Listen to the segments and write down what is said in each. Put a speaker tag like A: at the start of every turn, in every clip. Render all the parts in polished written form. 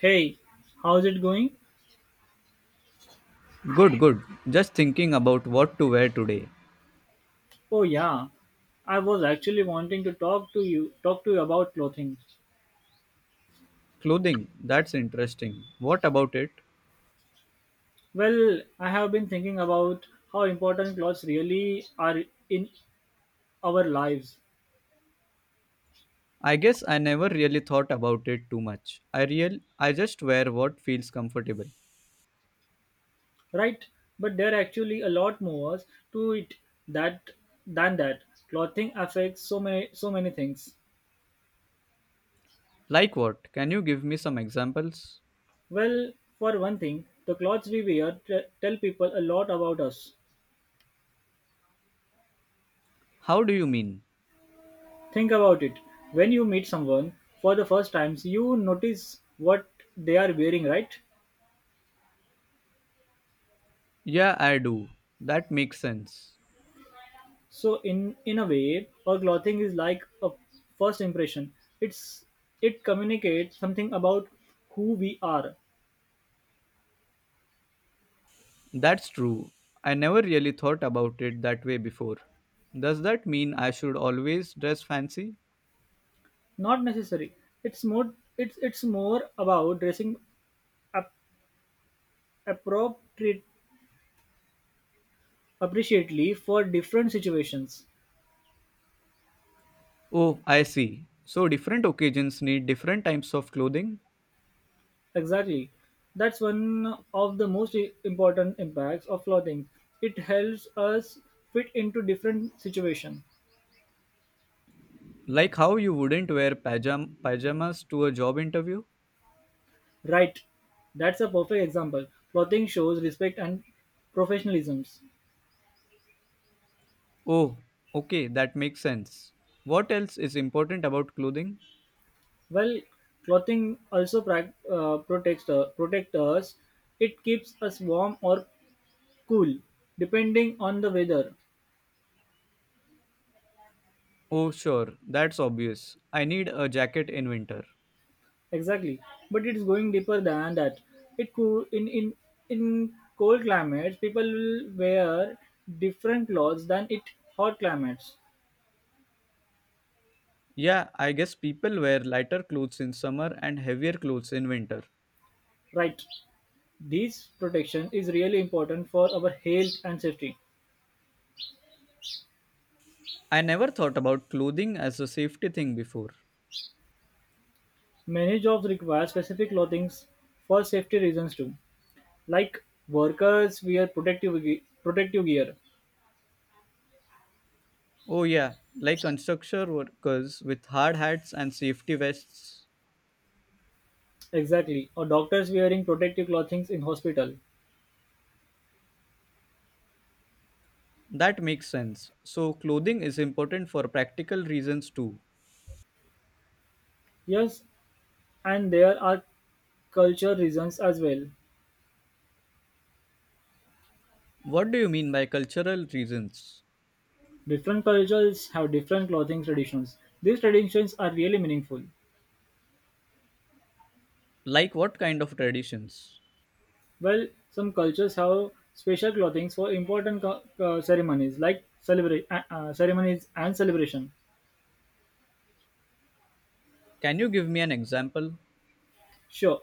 A: Hey, how's it going?
B: Good, good. Just thinking about what to wear today.
A: Oh yeah, I was actually wanting to talk to you about clothing.
B: Clothing, that's interesting. What about it?
A: Well, I have been thinking about how important clothes really are in our lives,
B: I guess I never really thought about it too much. I just wear what feels comfortable.
A: right? But there are actually a lot more to it that than that. Clothing affects so many things.
B: Like what? Can you give me some examples?
A: Well, for one thing, the clothes we wear tell people a lot about us.
B: How do you mean?
A: Think about it. When you meet someone for the first time, you notice what they are wearing, right?
B: Yeah, I do. That makes sense.
A: So in a way, our clothing is like a first impression. It's it communicates something about who we are.
B: That's true. I never really thought about it that way before. Does that mean I should always dress fancy?
A: Not necessary. It's more about dressing ap- appropriate appreciately for different situations.
B: Oh, I see. So different occasions need different types of clothing?
A: Exactly. That's one of the most important impacts of clothing. It helps us fit into different situations.
B: Like how you wouldn't wear pajamas to a job interview?
A: Right. That's a perfect example. Clothing shows respect and professionalism.
B: Oh, okay, that makes sense. What else is important about clothing?
A: Well, clothing also prac protects protect us. It keeps us warm or cool, depending on the weather.
B: Oh, sure, that's obvious. I need a jacket in winter.
A: Exactly, but it's going deeper than that. It could in cold climates, people will wear different clothes than it hot climates.
B: Yeah, I guess people wear lighter clothes in summer and heavier clothes in winter.
A: Right? This protection is really important for our health and safety.
B: I never thought about clothing as a safety thing before.
A: Many jobs require specific clothing for safety reasons too. Like workers wear protective gear,
B: Oh, yeah, like construction workers with hard hats and safety vests.
A: exactly, or doctors wearing protective clothing in hospital.
B: That makes sense. So, clothing is important for practical reasons too.
A: Yes, and there are culture reasons as well.
B: What do you mean by cultural reasons?
A: Different cultures have different clothing traditions. These traditions are really meaningful.
B: Like what kind of traditions?
A: Well, some cultures have special clothings for important ceremonies like ceremonies and celebration.
B: Can you give me an example?
A: Sure,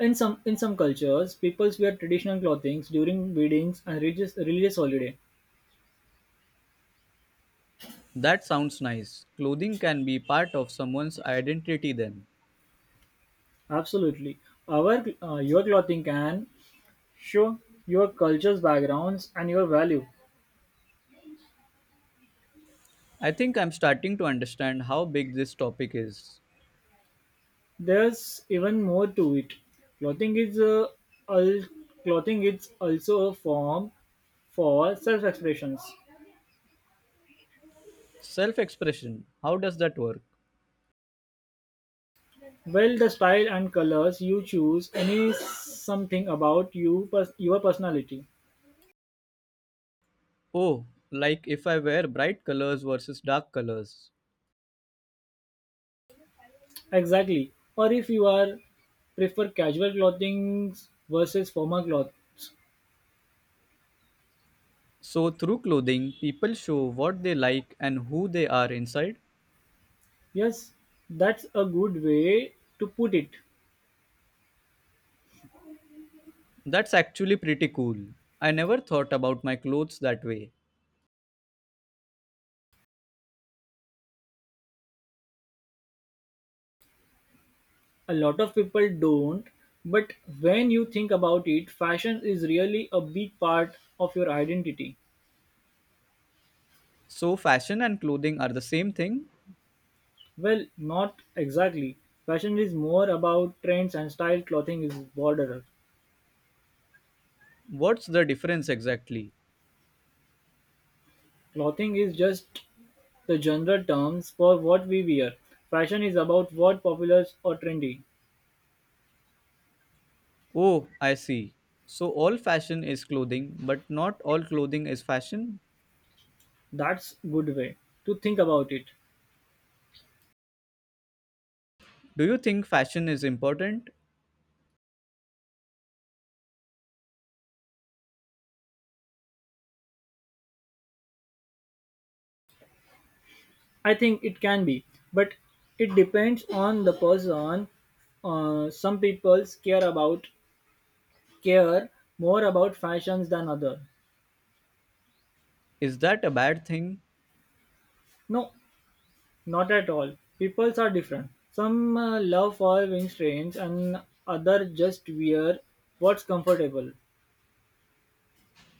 A: in some cultures, people wear traditional clothings during weddings and religious holiday.
B: That sounds nice. Clothing can be part of someone's identity then.
A: Absolutely, our your clothing can show your culture's backgrounds and your value.
B: I think I'm starting to understand how big this topic is.
A: There's even more to it. Clothing is al- clothing is also a form for self-expressions.
B: Self expression, how does that work?
A: Well, the style and colors you choose any something about your personality.
B: Oh, like if I wear bright colors versus dark colors.
A: Exactly. Or if you are prefer casual clothing versus formal clothes.
B: So, through clothing, people show what they like and who they are inside.
A: Yes, that's a good way to put it.
B: That's actually pretty cool. I never thought about my clothes that way.
A: A lot of people don't, but when you think about it, fashion is really a big part of your identity.
B: So, fashion and clothing are the same thing?
A: Well, not exactly. Fashion is more about trends and style, clothing is broader.
B: What's the difference exactly?
A: Clothing is just the general terms for what we wear. Fashion is about what popular or trendy.
B: Oh, I see. So, all fashion is clothing, but not all clothing is fashion?
A: That's good way to think about it.
B: Do you think fashion is important?
A: I think it can be, but it depends on the person, some people care about care more about fashions than other.
B: Is that a bad thing?
A: No, not at all. Peoples are different. Some love following trends and other just wear what's comfortable,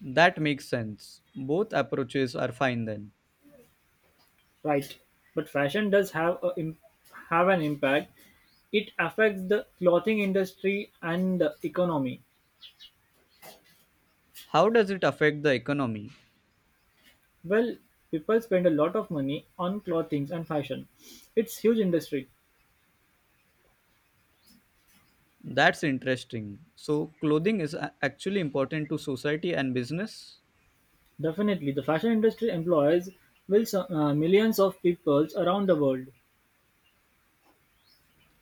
B: That makes sense. Both approaches are fine then.
A: right? But fashion does have have an impact. It affects the clothing industry and the economy.
B: How does it affect the economy?
A: Well, people spend a lot of money on clothing and fashion. It's huge industry.
B: That's interesting. So, clothing is actually important to society and business?
A: Definitely, the fashion industry employs millions of people around the world.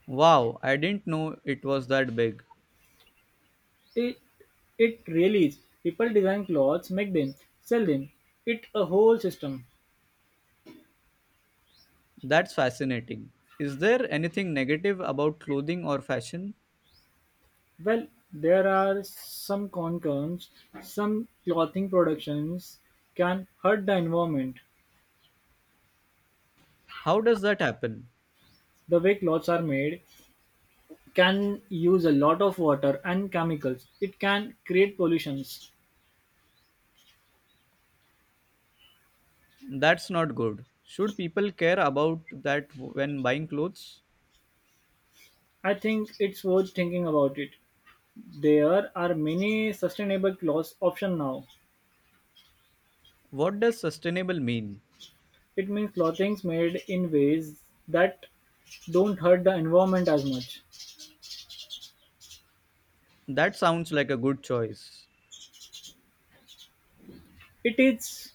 B: Wow, I didn't know it was that big.
A: It it really is. People design clothes, make them, sell them. It a whole system.
B: That's fascinating. Is there anything negative about clothing or fashion?
A: Well, there are some concerns. Some clothing productions can hurt the environment.
B: How does that happen?
A: The way clothes are made can use a lot of water and chemicals. It can create pollutions.
B: That's not good. Should people care about that when buying clothes?
A: I think it's worth thinking about it. There are many sustainable clothes options now.
B: What does sustainable mean?
A: It means clothings made in ways that don't hurt the environment as much.
B: That sounds like a good choice.
A: It is,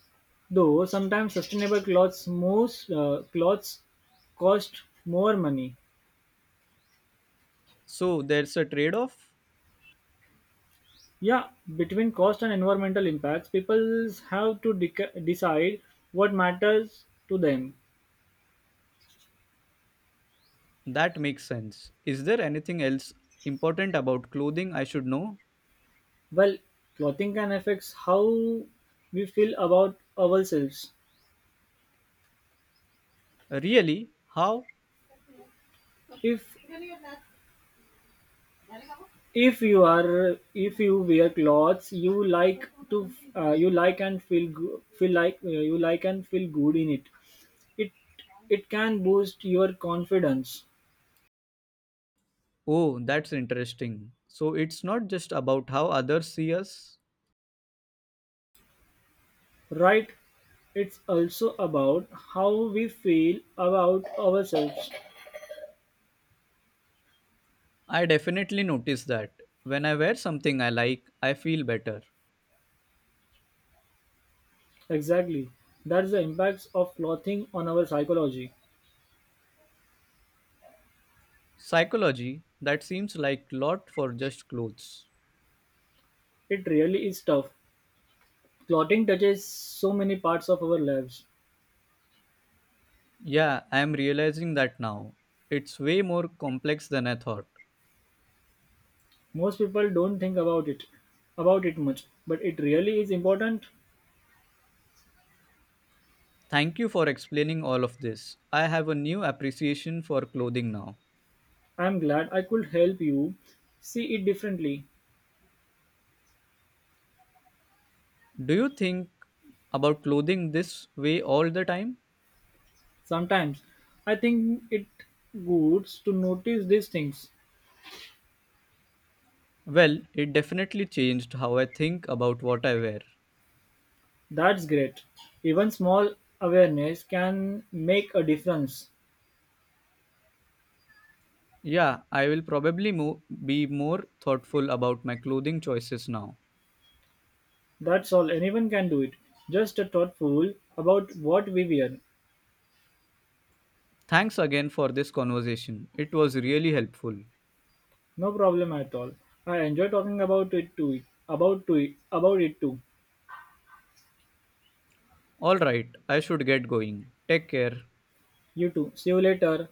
A: though, sometimes sustainable clothes cost more money.
B: So there's a trade off?
A: Yeah, between cost and environmental impacts, people have to decide what matters to them.
B: That makes sense. Is there anything else important about clothing I should know?
A: Well, clothing can affect how we feel about ourselves.
B: Really? How?
A: If if you wear clothes you like to you like and feel go- feel like you like and feel good in it. It it can boost your confidence,
B: Oh, that's interesting. So it's not just about how others see us,
A: right? It's also about how we feel about ourselves.
B: I definitely notice that. When I wear something I like, I feel better.
A: Exactly. That's the impacts of clothing on our psychology.
B: Psychology, that seems like lot for just clothes.
A: It really is tough. Clothing touches so many parts of our lives.
B: Yeah, I am realizing that now. It's way more complex than I thought.
A: Most people don't think about it much, but it really is important.
B: Thank you for explaining all of this. I have a new appreciation for clothing now.
A: I'm glad I could help you see it differently.
B: Do you think about clothing this way all the time?
A: Sometimes I think it good to notice these things.
B: Well, it definitely changed how I think about what I wear.
A: That's great. Even small awareness can make a difference.
B: Yeah, I will probably be more thoughtful about my clothing choices now.
A: That's all. Anyone can do it. Just a thoughtful about what we wear.
B: Thanks again for this conversation. It was really helpful.
A: No problem at all. I enjoy talking about it too. About to it. About it too.
B: All right, I should get going. Take care.
A: You too. See you later.